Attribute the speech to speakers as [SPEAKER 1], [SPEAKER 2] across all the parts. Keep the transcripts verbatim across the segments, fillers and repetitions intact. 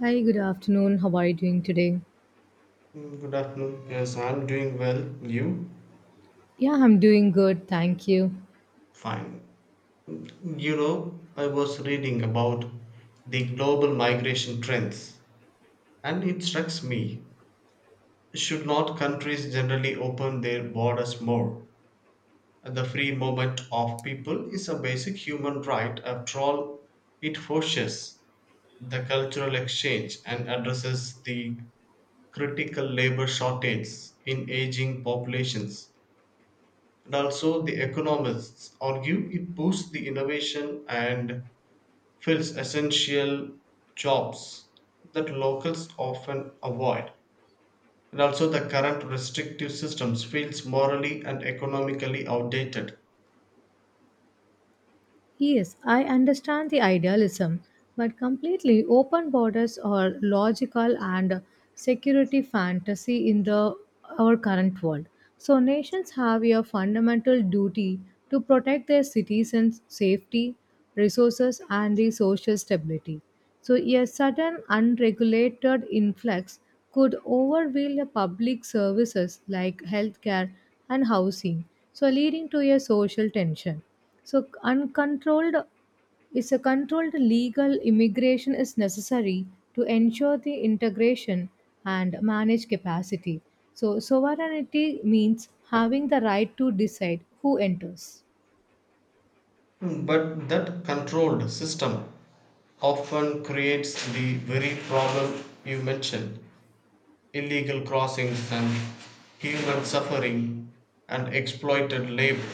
[SPEAKER 1] Hi, good afternoon. How are you doing today?
[SPEAKER 2] Mm, good afternoon. Yes, I'm doing well. You?
[SPEAKER 1] Yeah, I'm doing good. Thank you.
[SPEAKER 2] Fine. You know, I was reading about the global migration trends, and it strikes me. Should not countries generally open their borders more? The free movement of people is a basic human right. After all, it forces the cultural exchange and addresses the critical labor shortage in aging populations. And also, the economists argue it boosts the innovation and fills essential jobs that locals often avoid. And also, the current restrictive systems feels morally and economically outdated.
[SPEAKER 1] Yes, I understand the idealism, but completely open borders are logical and security fantasy in the our current world. So nations have a fundamental duty to protect their citizens' safety, resources, and the social stability. So a sudden unregulated influx could overwhelm the public services like healthcare and housing, so leading to a social tension. So, c- uncontrolled is a controlled legal immigration is necessary to ensure the integration and manage capacity. So, sovereignty means having the right to decide who enters.
[SPEAKER 2] But that controlled system often creates the very problem you mentioned, illegal crossings and human suffering and exploited labor.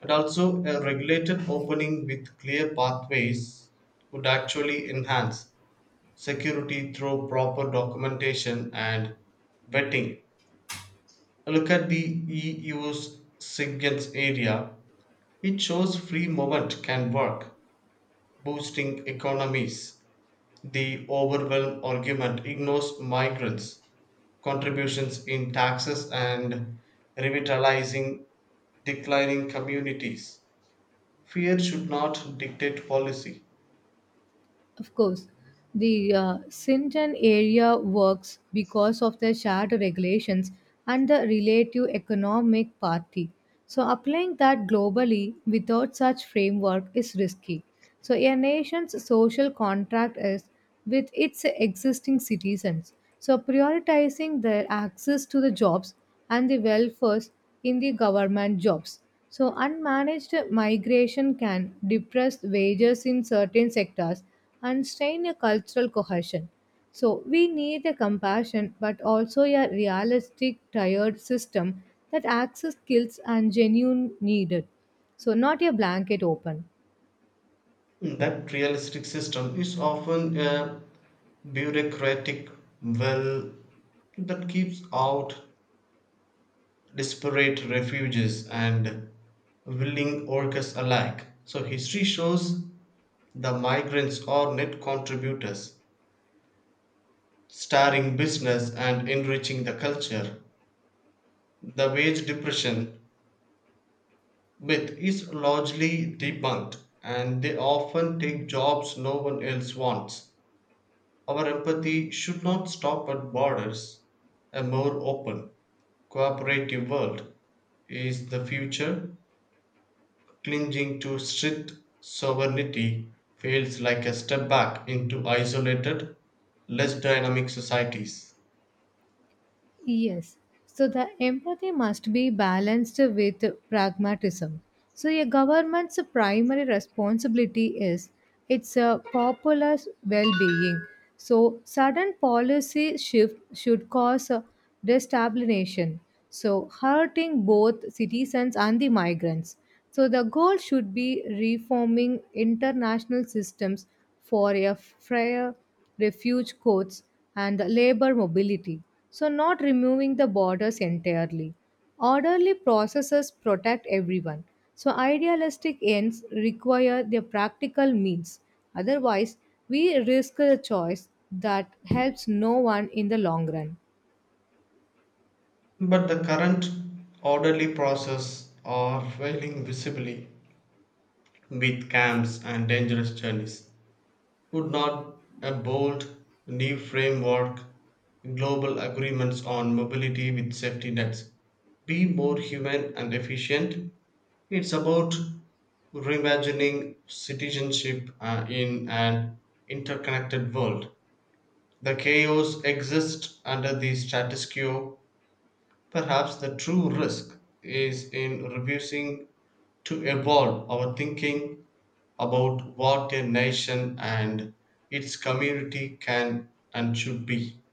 [SPEAKER 2] But also, a regulated opening with clear pathways would actually enhance security through proper documentation and vetting. Look at the E U's Sigens area. It shows free movement can work, boosting economies. The overwhelm argument ignores migrants' contributions in taxes and revitalizing declining communities. Fear should not dictate policy.
[SPEAKER 1] Of course, the uh, Sinton area works because of the shared regulations and the relative economic parity. So, applying that globally without such framework is risky. So, a nation's social contract is with its existing citizens. So, prioritizing their access to the jobs and the welfare in the government jobs. So, unmanaged migration can depress wages in certain sectors and strain a cultural cohesion. So we need a compassion but also a realistic tired system that access skills and genuine needed. So not a blanket open.
[SPEAKER 2] That realistic system is often a bureaucratic well that keeps out disparate refugees and willing workers alike. So, history shows the migrants are net contributors, starring business and enriching the culture. The wage depression myth is largely debunked, and they often take jobs no one else wants. Our empathy should not stop at borders. A more open, cooperative world is the future. Clinging to strict sovereignty feels like a step back into isolated, less dynamic societies.
[SPEAKER 1] Yes. So the empathy must be balanced with pragmatism. So a government's primary responsibility is its uh, populace well-being. So sudden policy shift should cause uh, destabilization, so hurting both citizens and the migrants. So the goal should be reforming international systems for a fair refuge courts, and labor mobility, so not removing the borders entirely. Orderly processes protect everyone, so idealistic ends require their practical means. Otherwise, we risk a choice that helps no one in the long run.
[SPEAKER 2] But the current orderly process are failing visibly with camps and dangerous journeys. Would not a bold new framework, global agreements on mobility with safety nets, be more human and efficient? It's about reimagining citizenship uh, in an interconnected world. The chaos exists under the status quo. Perhaps the true risk is in refusing to evolve our thinking about what a nation and its community can and should be.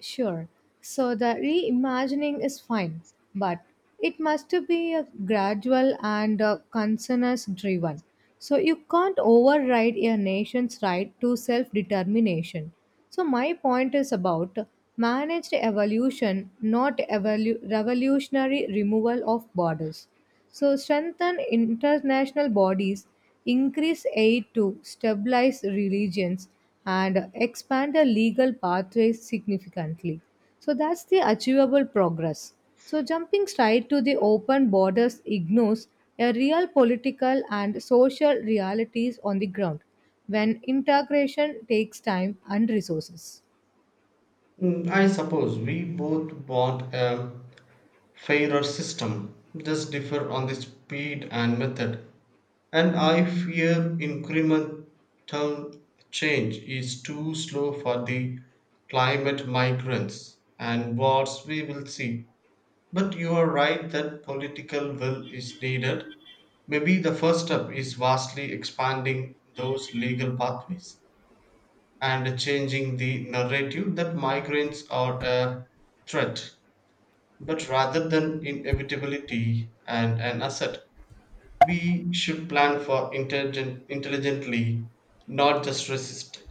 [SPEAKER 1] Sure. So the reimagining is fine, but it must be a gradual and a consensus driven. So you can't override a nation's right to self determination. So my point is about managed evolution, not evolu- revolutionary removal of borders. So, strengthen international bodies, increase aid to stabilize religions, and expand the legal pathways significantly. So, that's the achievable progress. So, jumping straight to the open borders ignores a real political and social realities on the ground when integration takes time and resources.
[SPEAKER 2] Mm, I suppose we both want a fairer system, just differ on the speed and method. And I fear incremental change is too slow for the climate migrants and wars we will see. But you are right that political will is needed. Maybe the first step is vastly expanding those legal pathways and changing the narrative that migrants are a threat, but rather than inevitability and an asset. We should plan for intelligent, intelligently, not just resist.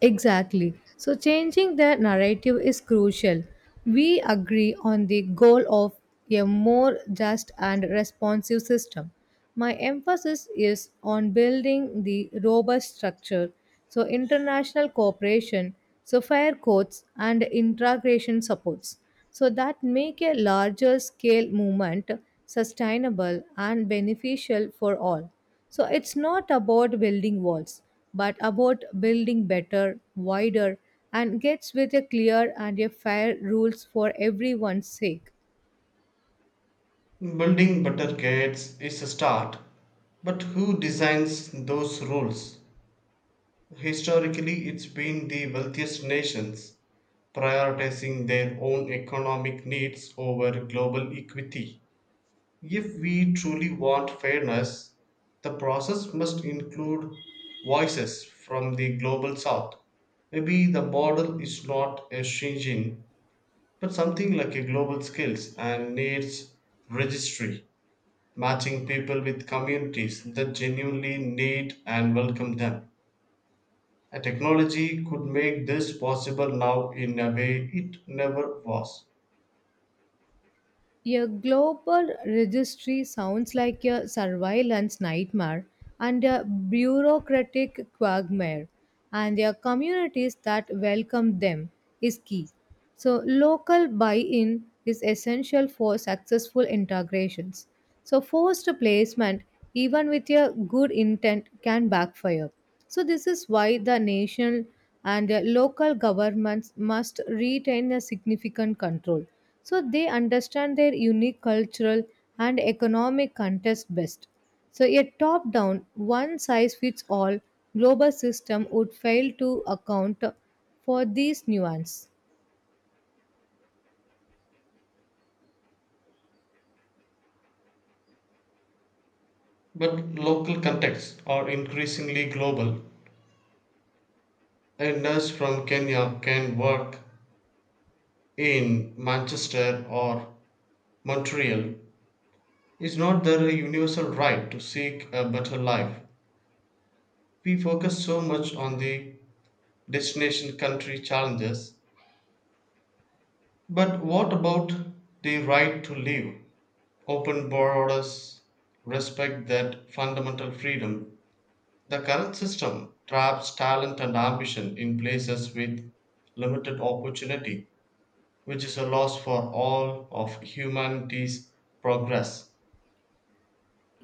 [SPEAKER 1] Exactly. So, changing the narrative is crucial. We agree on the goal of a more just and responsive system. My emphasis is on building the robust structure, so international cooperation, so fair courts, and integration supports, so that make a larger scale movement sustainable and beneficial for all. So it's not about building walls, but about building better, wider, and gets with a clear and a fair rules for everyone's sake.
[SPEAKER 2] Building better gates is a start, but who designs those rules? Historically, it's been the wealthiest nations prioritizing their own economic needs over global equity. If we truly want fairness, the process must include voices from the global south. Maybe the model is not a Shenzhen, but something like a global skills and needs registry, matching people with communities that genuinely need and welcome them. A technology could make this possible now in a way it never was.
[SPEAKER 1] A global registry sounds like a surveillance nightmare and a bureaucratic quagmire, and the communities that welcome them is key. So, local buy in is essential for successful integrations. So, forced placement, even with a good intent, can backfire. So, this is why the national and uh, local governments must retain a significant control so they understand their unique cultural and economic context best. So, a top down, one size fits all global system would fail to account for these nuances.
[SPEAKER 2] But local contexts are increasingly global. A nurse from Kenya can work in Manchester or Montreal. Is not there a universal right to seek a better life? We focus so much on the destination country challenges, but what about the right to live? Open borders respect that fundamental freedom. The current system traps talent and ambition in places with limited opportunity, which is a loss for all of humanity's progress.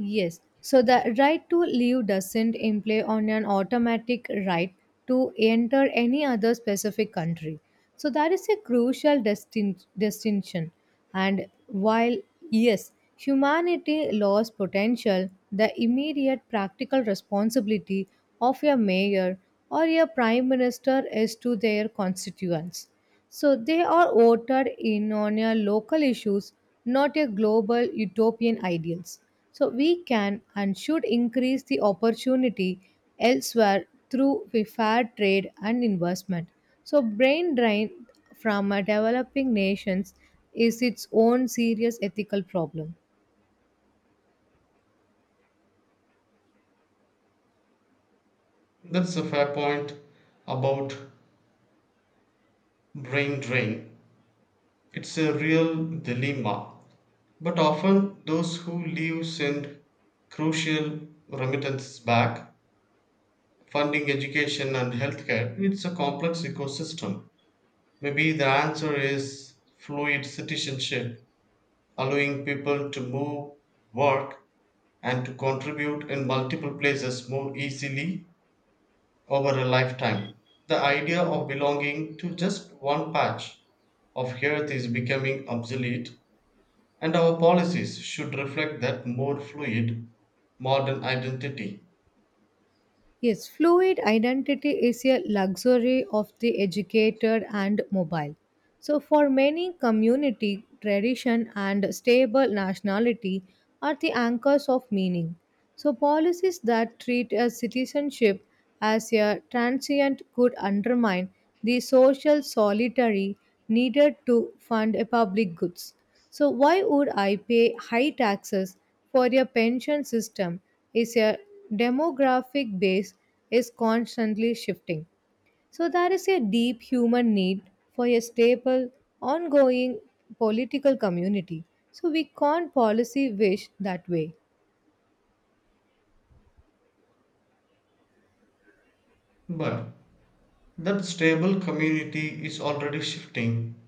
[SPEAKER 1] Yes. So the right to leave doesn't imply on an automatic right to enter any other specific country. So that is a crucial distin- distinction. And while yes, humanity lost potential, the immediate practical responsibility of a mayor or a prime minister is to their constituents. So they are voted in on your local issues, not your global utopian ideals. So we can and should increase the opportunity elsewhere through the fair trade and investment. So brain drain from a developing nations is its own serious ethical problem.
[SPEAKER 2] That's a fair point about brain drain. It's a real dilemma. But often, those who leave send crucial remittances back, funding education and healthcare. It's a complex ecosystem. Maybe the answer is fluid citizenship allowing people to move, work, and to contribute in multiple places more easily over a lifetime. The idea of belonging to just one patch of earth is becoming obsolete, and our policies should reflect that more fluid, modern identity.
[SPEAKER 1] Yes, fluid identity is a luxury of the educated and mobile. So, for many, community, tradition, and stable nationality are the anchors of meaning. So, policies that treat a citizenship as a transient could undermine the social solitary needed to fund a public goods. So, why would I pay high taxes for your pension system is your demographic base is constantly shifting. So there is a deep human need for a stable, ongoing political community. So we can't policy wish that way.
[SPEAKER 2] But that stable community is already shifting,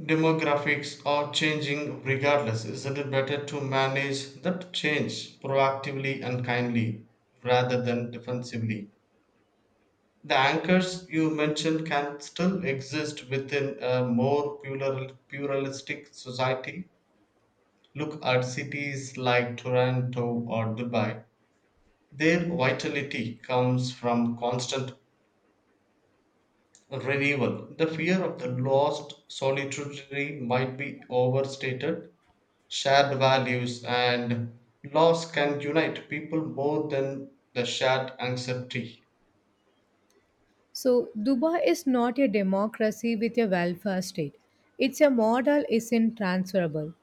[SPEAKER 2] demographics are changing regardless. Isn't it better to manage that change proactively and kindly rather than defensively? The anchors you mentioned can still exist within a more plural, pluralistic society. Look at cities like Toronto or Dubai. Their vitality comes from constant renewal. The fear of the lost solitary might be overstated, shared values and laws can unite people more than the shared anxiety.
[SPEAKER 1] So Dubai is not a democracy with a welfare state. It's a model isn't transferable.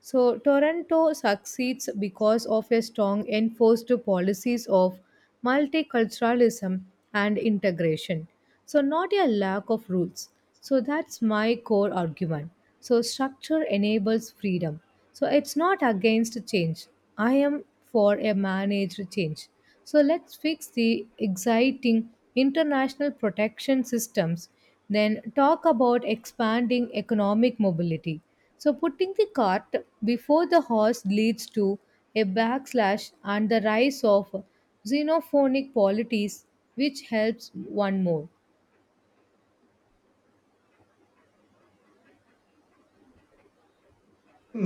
[SPEAKER 1] So Toronto succeeds because of a strong enforced policies of multiculturalism and integration. So not a lack of rules. So that's my core argument. So structure enables freedom. So it's not against change. I am for a managed change. So let's fix the exciting international protection systems, then talk about expanding economic mobility. So putting the cart before the horse leads to a backslash and the rise of xenophonic polities, which helps one more.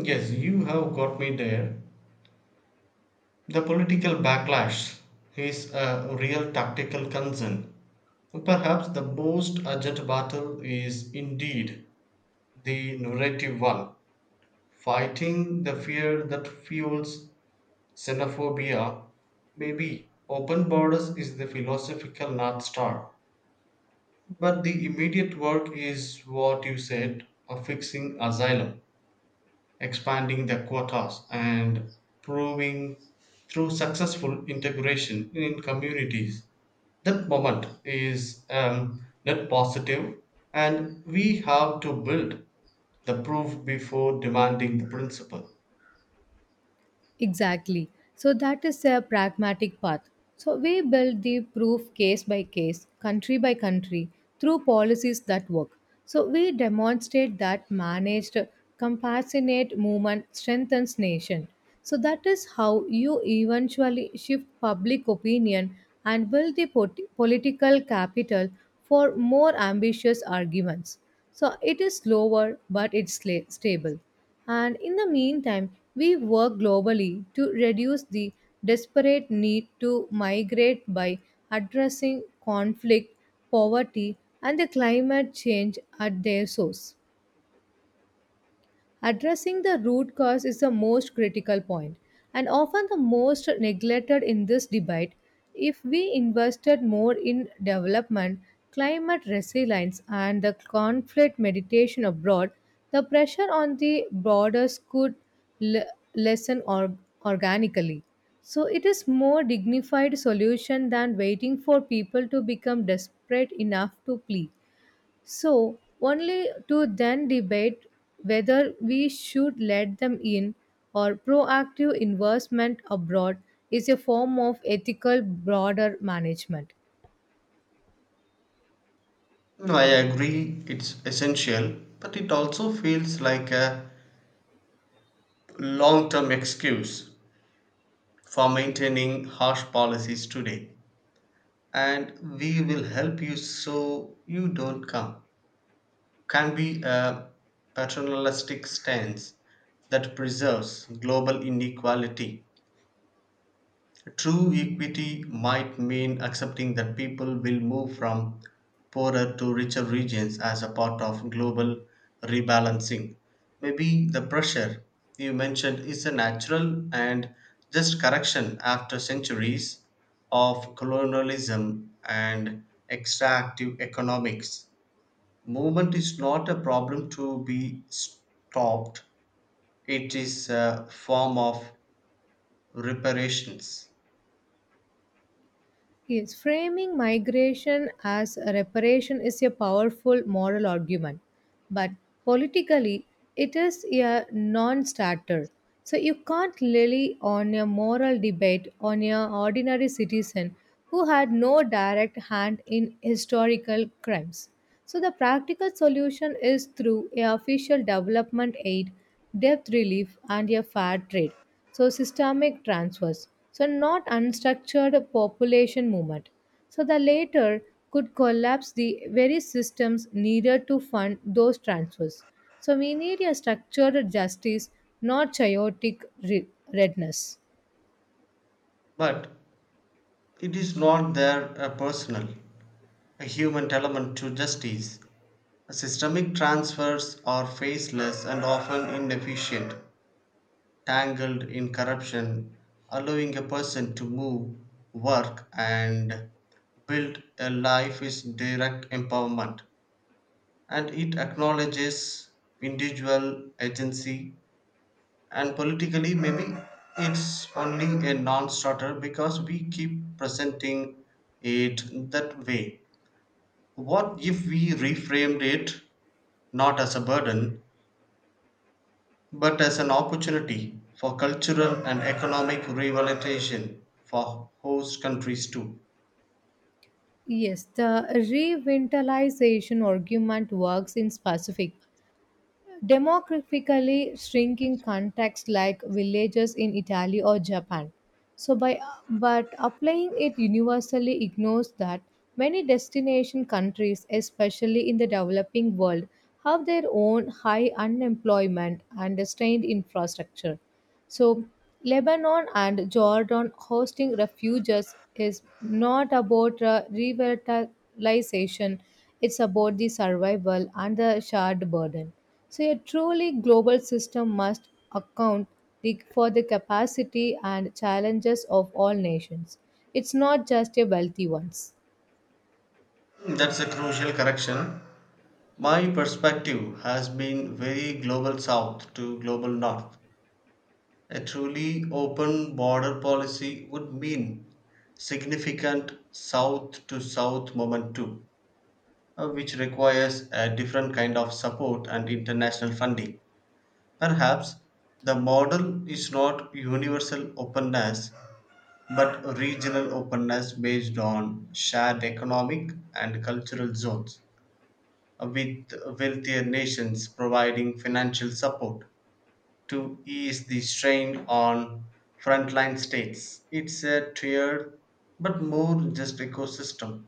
[SPEAKER 2] Yes, you have got me there. The political backlash is a real tactical concern. Perhaps the most urgent battle is indeed the narrative one. Fighting the fear that fuels xenophobia, maybe open borders is the philosophical North Star. But the immediate work is what you said of fixing asylum, expanding the quotas, and proving through successful integration in communities. That moment is um, net positive, and we have to build the proof before demanding the principle.
[SPEAKER 1] Exactly. So that is a pragmatic path. So we build the proof case by case, country by country, through policies that work. So we demonstrate that managed, compassionate movement strengthens nation. So that is how you eventually shift public opinion and build the pot- political capital for more ambitious arguments. So it is slower, but it's la- stable. And in the meantime, we work globally to reduce the desperate need to migrate by addressing conflict, poverty, and the climate change at their source. Addressing the root cause is the most critical point and often the most neglected in this debate. If we invested more in development, climate resilience, and the conflict mediation abroad, the pressure on the borders could le- lessen or- organically. So it is more dignified solution than waiting for people to become desperate enough to plead. So, only to then debate whether we should let them in or proactive investment abroad is a form of ethical broader management.
[SPEAKER 2] No, I agree, it's essential, but it also feels like a long term excuse for maintaining harsh policies today. And we will help you so you don't come can be a paternalistic stance that preserves global inequality. True equity might mean accepting that people will move from poorer to richer regions as a part of global rebalancing. Maybe the pressure you mentioned is a natural and just correction after centuries of colonialism and extractive economics. Movement is not a problem to be stopped, it is a form of reparations.
[SPEAKER 1] Yes, framing migration as a reparation is a powerful moral argument, but politically it is a non starter. So you can't rely on a moral debate on an ordinary citizen who had no direct hand in historical crimes. So the practical solution is through a official development aid, debt relief, and a fair trade, so systemic transfers, so not unstructured population movement, so the latter could collapse the very systems needed to fund those transfers, so we need a structured justice, not chaotic re- redness.
[SPEAKER 2] But it is not there a personal, a human element to justice. Systemic transfers are faceless and often inefficient, tangled in corruption, allowing a person to move, work, and build a life is direct empowerment. And it acknowledges individual agency, and politically, maybe it's only a non starter because we keep presenting it that way. What if we reframed it not as a burden, but as an opportunity for cultural and economic revitalization for host countries too?
[SPEAKER 1] Yes, the revitalization argument works in specific demographically shrinking contexts like villages in Italy or Japan. So by but applying it universally ignores that many destination countries, especially in the developing world, have their own high unemployment and strained infrastructure. So, Lebanon and Jordan hosting refugees is not about uh, revitalization, it's about the survival and the shared burden. So, a truly global system must account the, for the capacity and challenges of all nations. It's not just a wealthy ones.
[SPEAKER 2] That's a crucial correction. My perspective has been very global south to global north. A truly open border policy would mean significant south to south movement too, uh, which requires a different kind of support and international funding. Perhaps the model is not universal openness but regional openness based on shared economic and cultural zones, with wealthier nations providing financial support to ease the strain on frontline states. It's a tiered but more just ecosystem.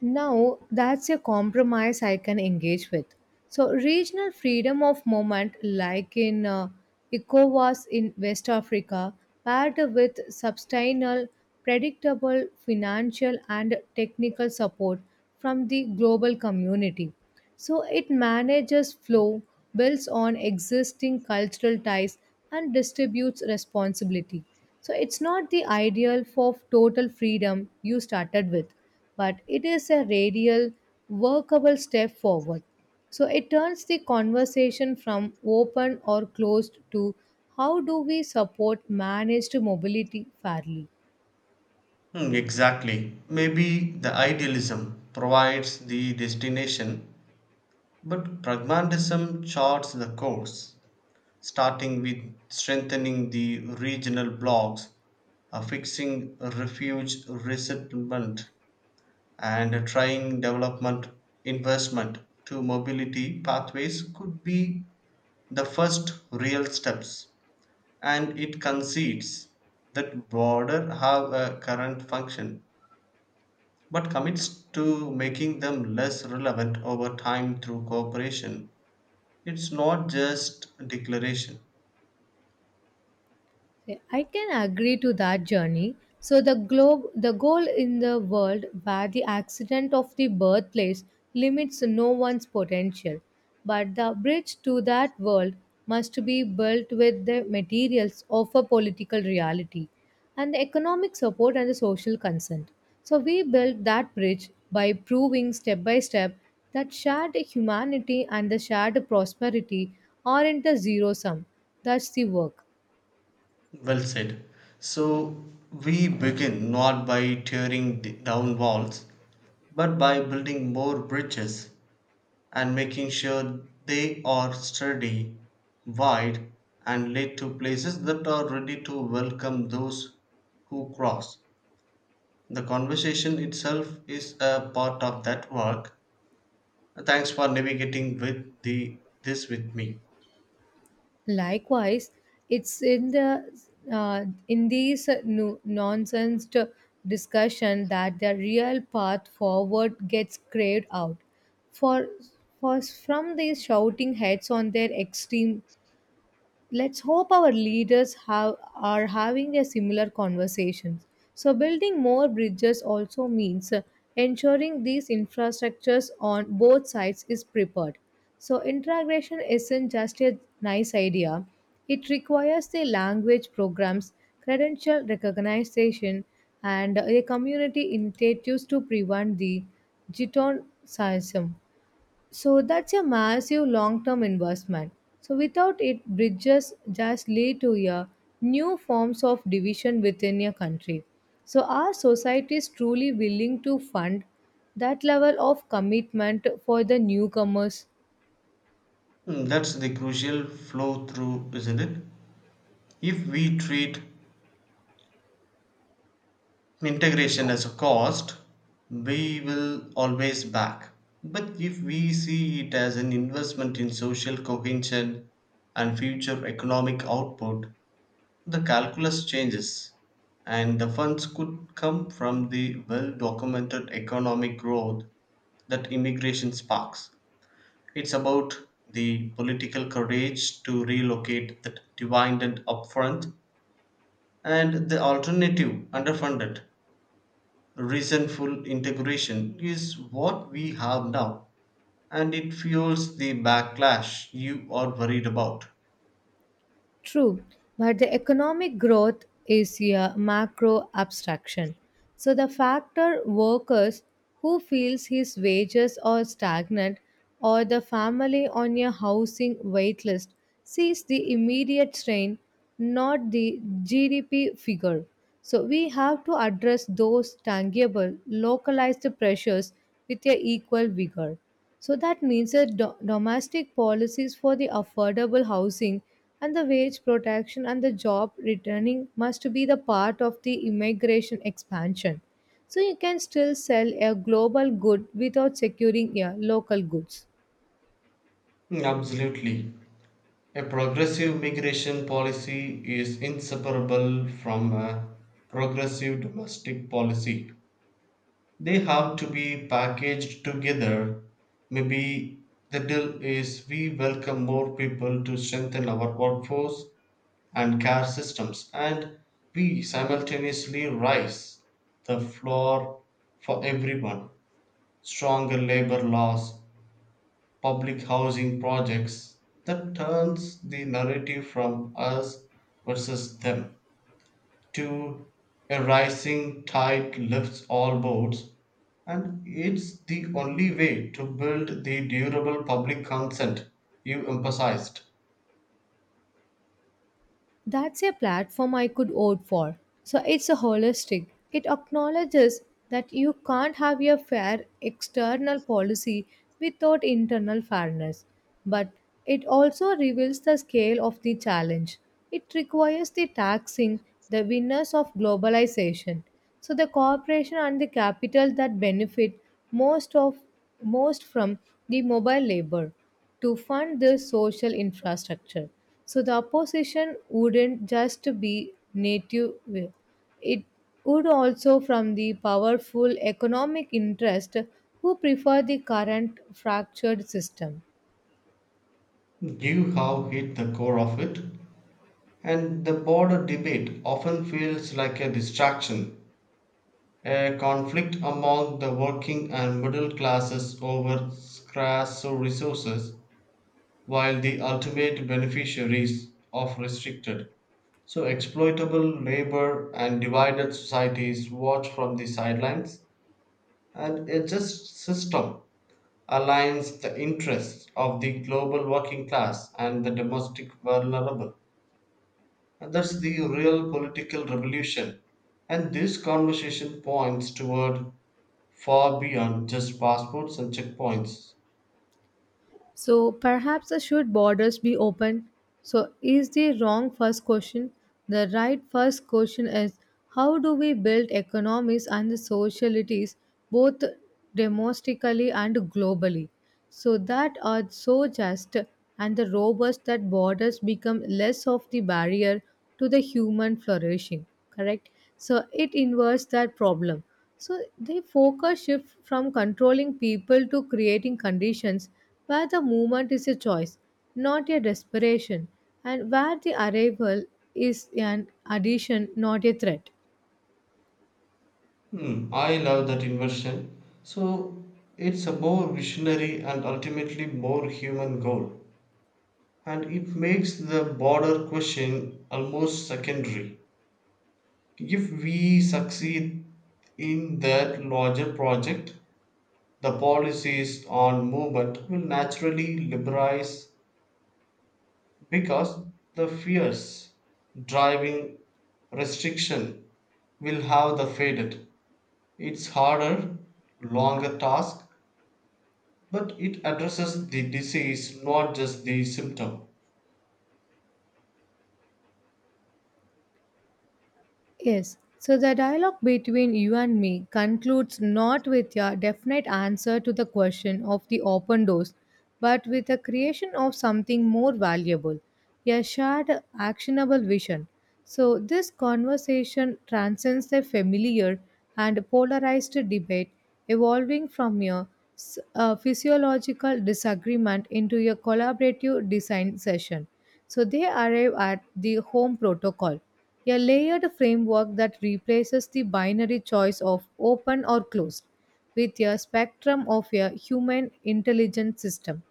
[SPEAKER 1] Now that's a compromise I can engage with. So regional freedom of movement, like in uh, ECOWAS in West Africa, paired with sustainable, predictable financial and technical support from the global community. So it manages flow, builds on existing cultural ties, and distributes responsibility. So it's not the ideal for total freedom you started with, but it is a radial, workable step forward. So it turns the conversation from open or closed to how do we support managed mobility fairly.
[SPEAKER 2] Hmm, exactly. Maybe the idealism provides the destination, but pragmatism charts the course. Starting with strengthening the regional blocks, uh, fixing refuge resettlement, and trying development investment to mobility pathways could be the first real steps. And it concedes that border have a current function, but commits to making them less relevant over time through cooperation. It's not just declaration.
[SPEAKER 1] Yeah, I can agree to that journey. So the globe, the goal in the world where the accident of the birthplace limits no one's potential, but the bridge to that world must be built with the materials of a political reality and the economic support and the social consent. So we built that bridge by proving step by step that shared humanity and the shared prosperity aren't a zero sum. That's the work.
[SPEAKER 2] Well said. So we begin not by tearing d- down walls, but by building more bridges and making sure they are sturdy, wide, and lead to places that are ready to welcome those who cross. The conversation itself is a part of that work. Thanks for navigating with the this with me.
[SPEAKER 1] Likewise, it's in the uh, in these no- nonsense t- discussion that the real path forward gets craved out. For, for from these shouting heads on their extreme, let's hope our leaders have, are having a similar conversation. So, building more bridges also means uh, ensuring these infrastructures on both sides is prepared. So, integration isn't just a nice idea, it requires the language programs, credential recognition, and uh, a community initiatives to prevent the jitonicism. So that's a massive long term investment. So without it, bridges just lead to a new forms of division within a country. So are societies truly willing to fund that level of commitment for the newcomers?
[SPEAKER 2] Hmm, that's the crucial flow through, isn't it? If we treat integration as a cost, we will always back. But if we see it as an investment in social cohesion and future economic output, the calculus changes, and the funds could come from the well documented economic growth that immigration sparks. It's about the political courage to relocate that dividend upfront and the alternative underfunded Reasonful integration is what we have now, and it fuels the backlash you are worried about.
[SPEAKER 1] True, but the economic growth is a macro abstraction. So the factor workers who feels his wages are stagnant or the family on a housing waitlist sees the immediate strain, not the G D P figure. So we have to address those tangible, localized pressures with a equal vigor. So that means that do- domestic policies for the affordable housing and the wage protection and the job returning must be the part of the immigration expansion. So you can still sell a global good without securing a local goods.
[SPEAKER 2] Mm, absolutely. A progressive migration policy is inseparable from a progressive domestic policy. They have to be packaged together. Maybe the deal is we welcome more people to strengthen our workforce and care systems, and we simultaneously raise the floor for everyone. Stronger labor laws, public housing projects that turns the narrative from us versus them to a rising tide lifts all boats, and it's the only way to build the durable public consent you emphasized.
[SPEAKER 1] That's a platform I could vote for. So it's a holistic. It acknowledges that you can't have a fair external policy without internal fairness. But it also reveals the scale of the challenge. It requires the taxing the winners of globalization. So the corporation and the capital that benefit most of most from the mobile labor to fund this social infrastructure. So the opposition wouldn't just be native, will. It would also from the powerful economic interest who prefer the current fractured system.
[SPEAKER 2] You have hit the core of it. And the border debate often feels like a distraction, a conflict among the working and middle classes over scarce resources, while the ultimate beneficiaries of restricted, so exploitable labor and divided societies watch from the sidelines, and a just system aligns the interests of the global working class and the domestic vulnerable. And that's the real political revolution. And this conversation points toward far beyond just passports and checkpoints.
[SPEAKER 1] So perhaps the should borders be open? So is the wrong first question? The right first question is how do we build economies and the socialities both domestically and globally? So that are so just and the robust that borders become less of the barrier to the human flourishing. Correct? So it inverts that problem. So the focus shift from controlling people to creating conditions where the movement is a choice, not a desperation, and where the arrival is an addition, not a threat.
[SPEAKER 2] Hmm, I love that inversion. So it's a more visionary and ultimately more human goal. And it makes the border question almost secondary. If we succeed in that larger project, the policies on movement will naturally liberalize because the fears, driving restriction will have the faded. It's harder, longer task, but it addresses the disease, not just the symptom.
[SPEAKER 1] Yes. So the dialogue between you and me concludes not with a definite answer to the question of the open doors, but with the creation of something more valuable, a shared actionable vision. So this conversation transcends the familiar and polarized debate, evolving from a, s- a physiological disagreement into a collaborative design session. So they arrive at the home protocol, a layered framework that replaces the binary choice of open or closed with a spectrum of a human intelligence system.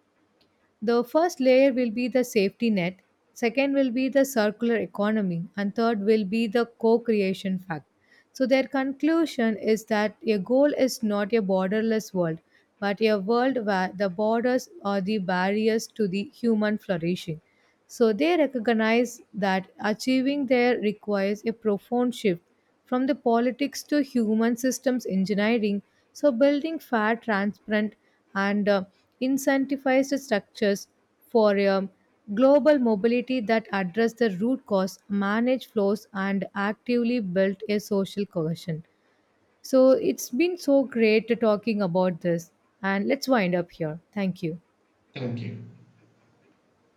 [SPEAKER 1] The first layer will be the safety net, second will be the circular economy, and third will be the co creation fact. So, their conclusion is that a goal is not a borderless world, but a world where the borders are the barriers to the human flourishing. So, they recognize that achieving there requires a profound shift from the politics to human systems engineering. So, building fair, transparent, and uh, incentivized structures for um, global mobility that address the root cause, manage flows, and actively build a social cohesion. So, it's been so great talking about this, and let's wind up here. Thank you.
[SPEAKER 2] Thank you.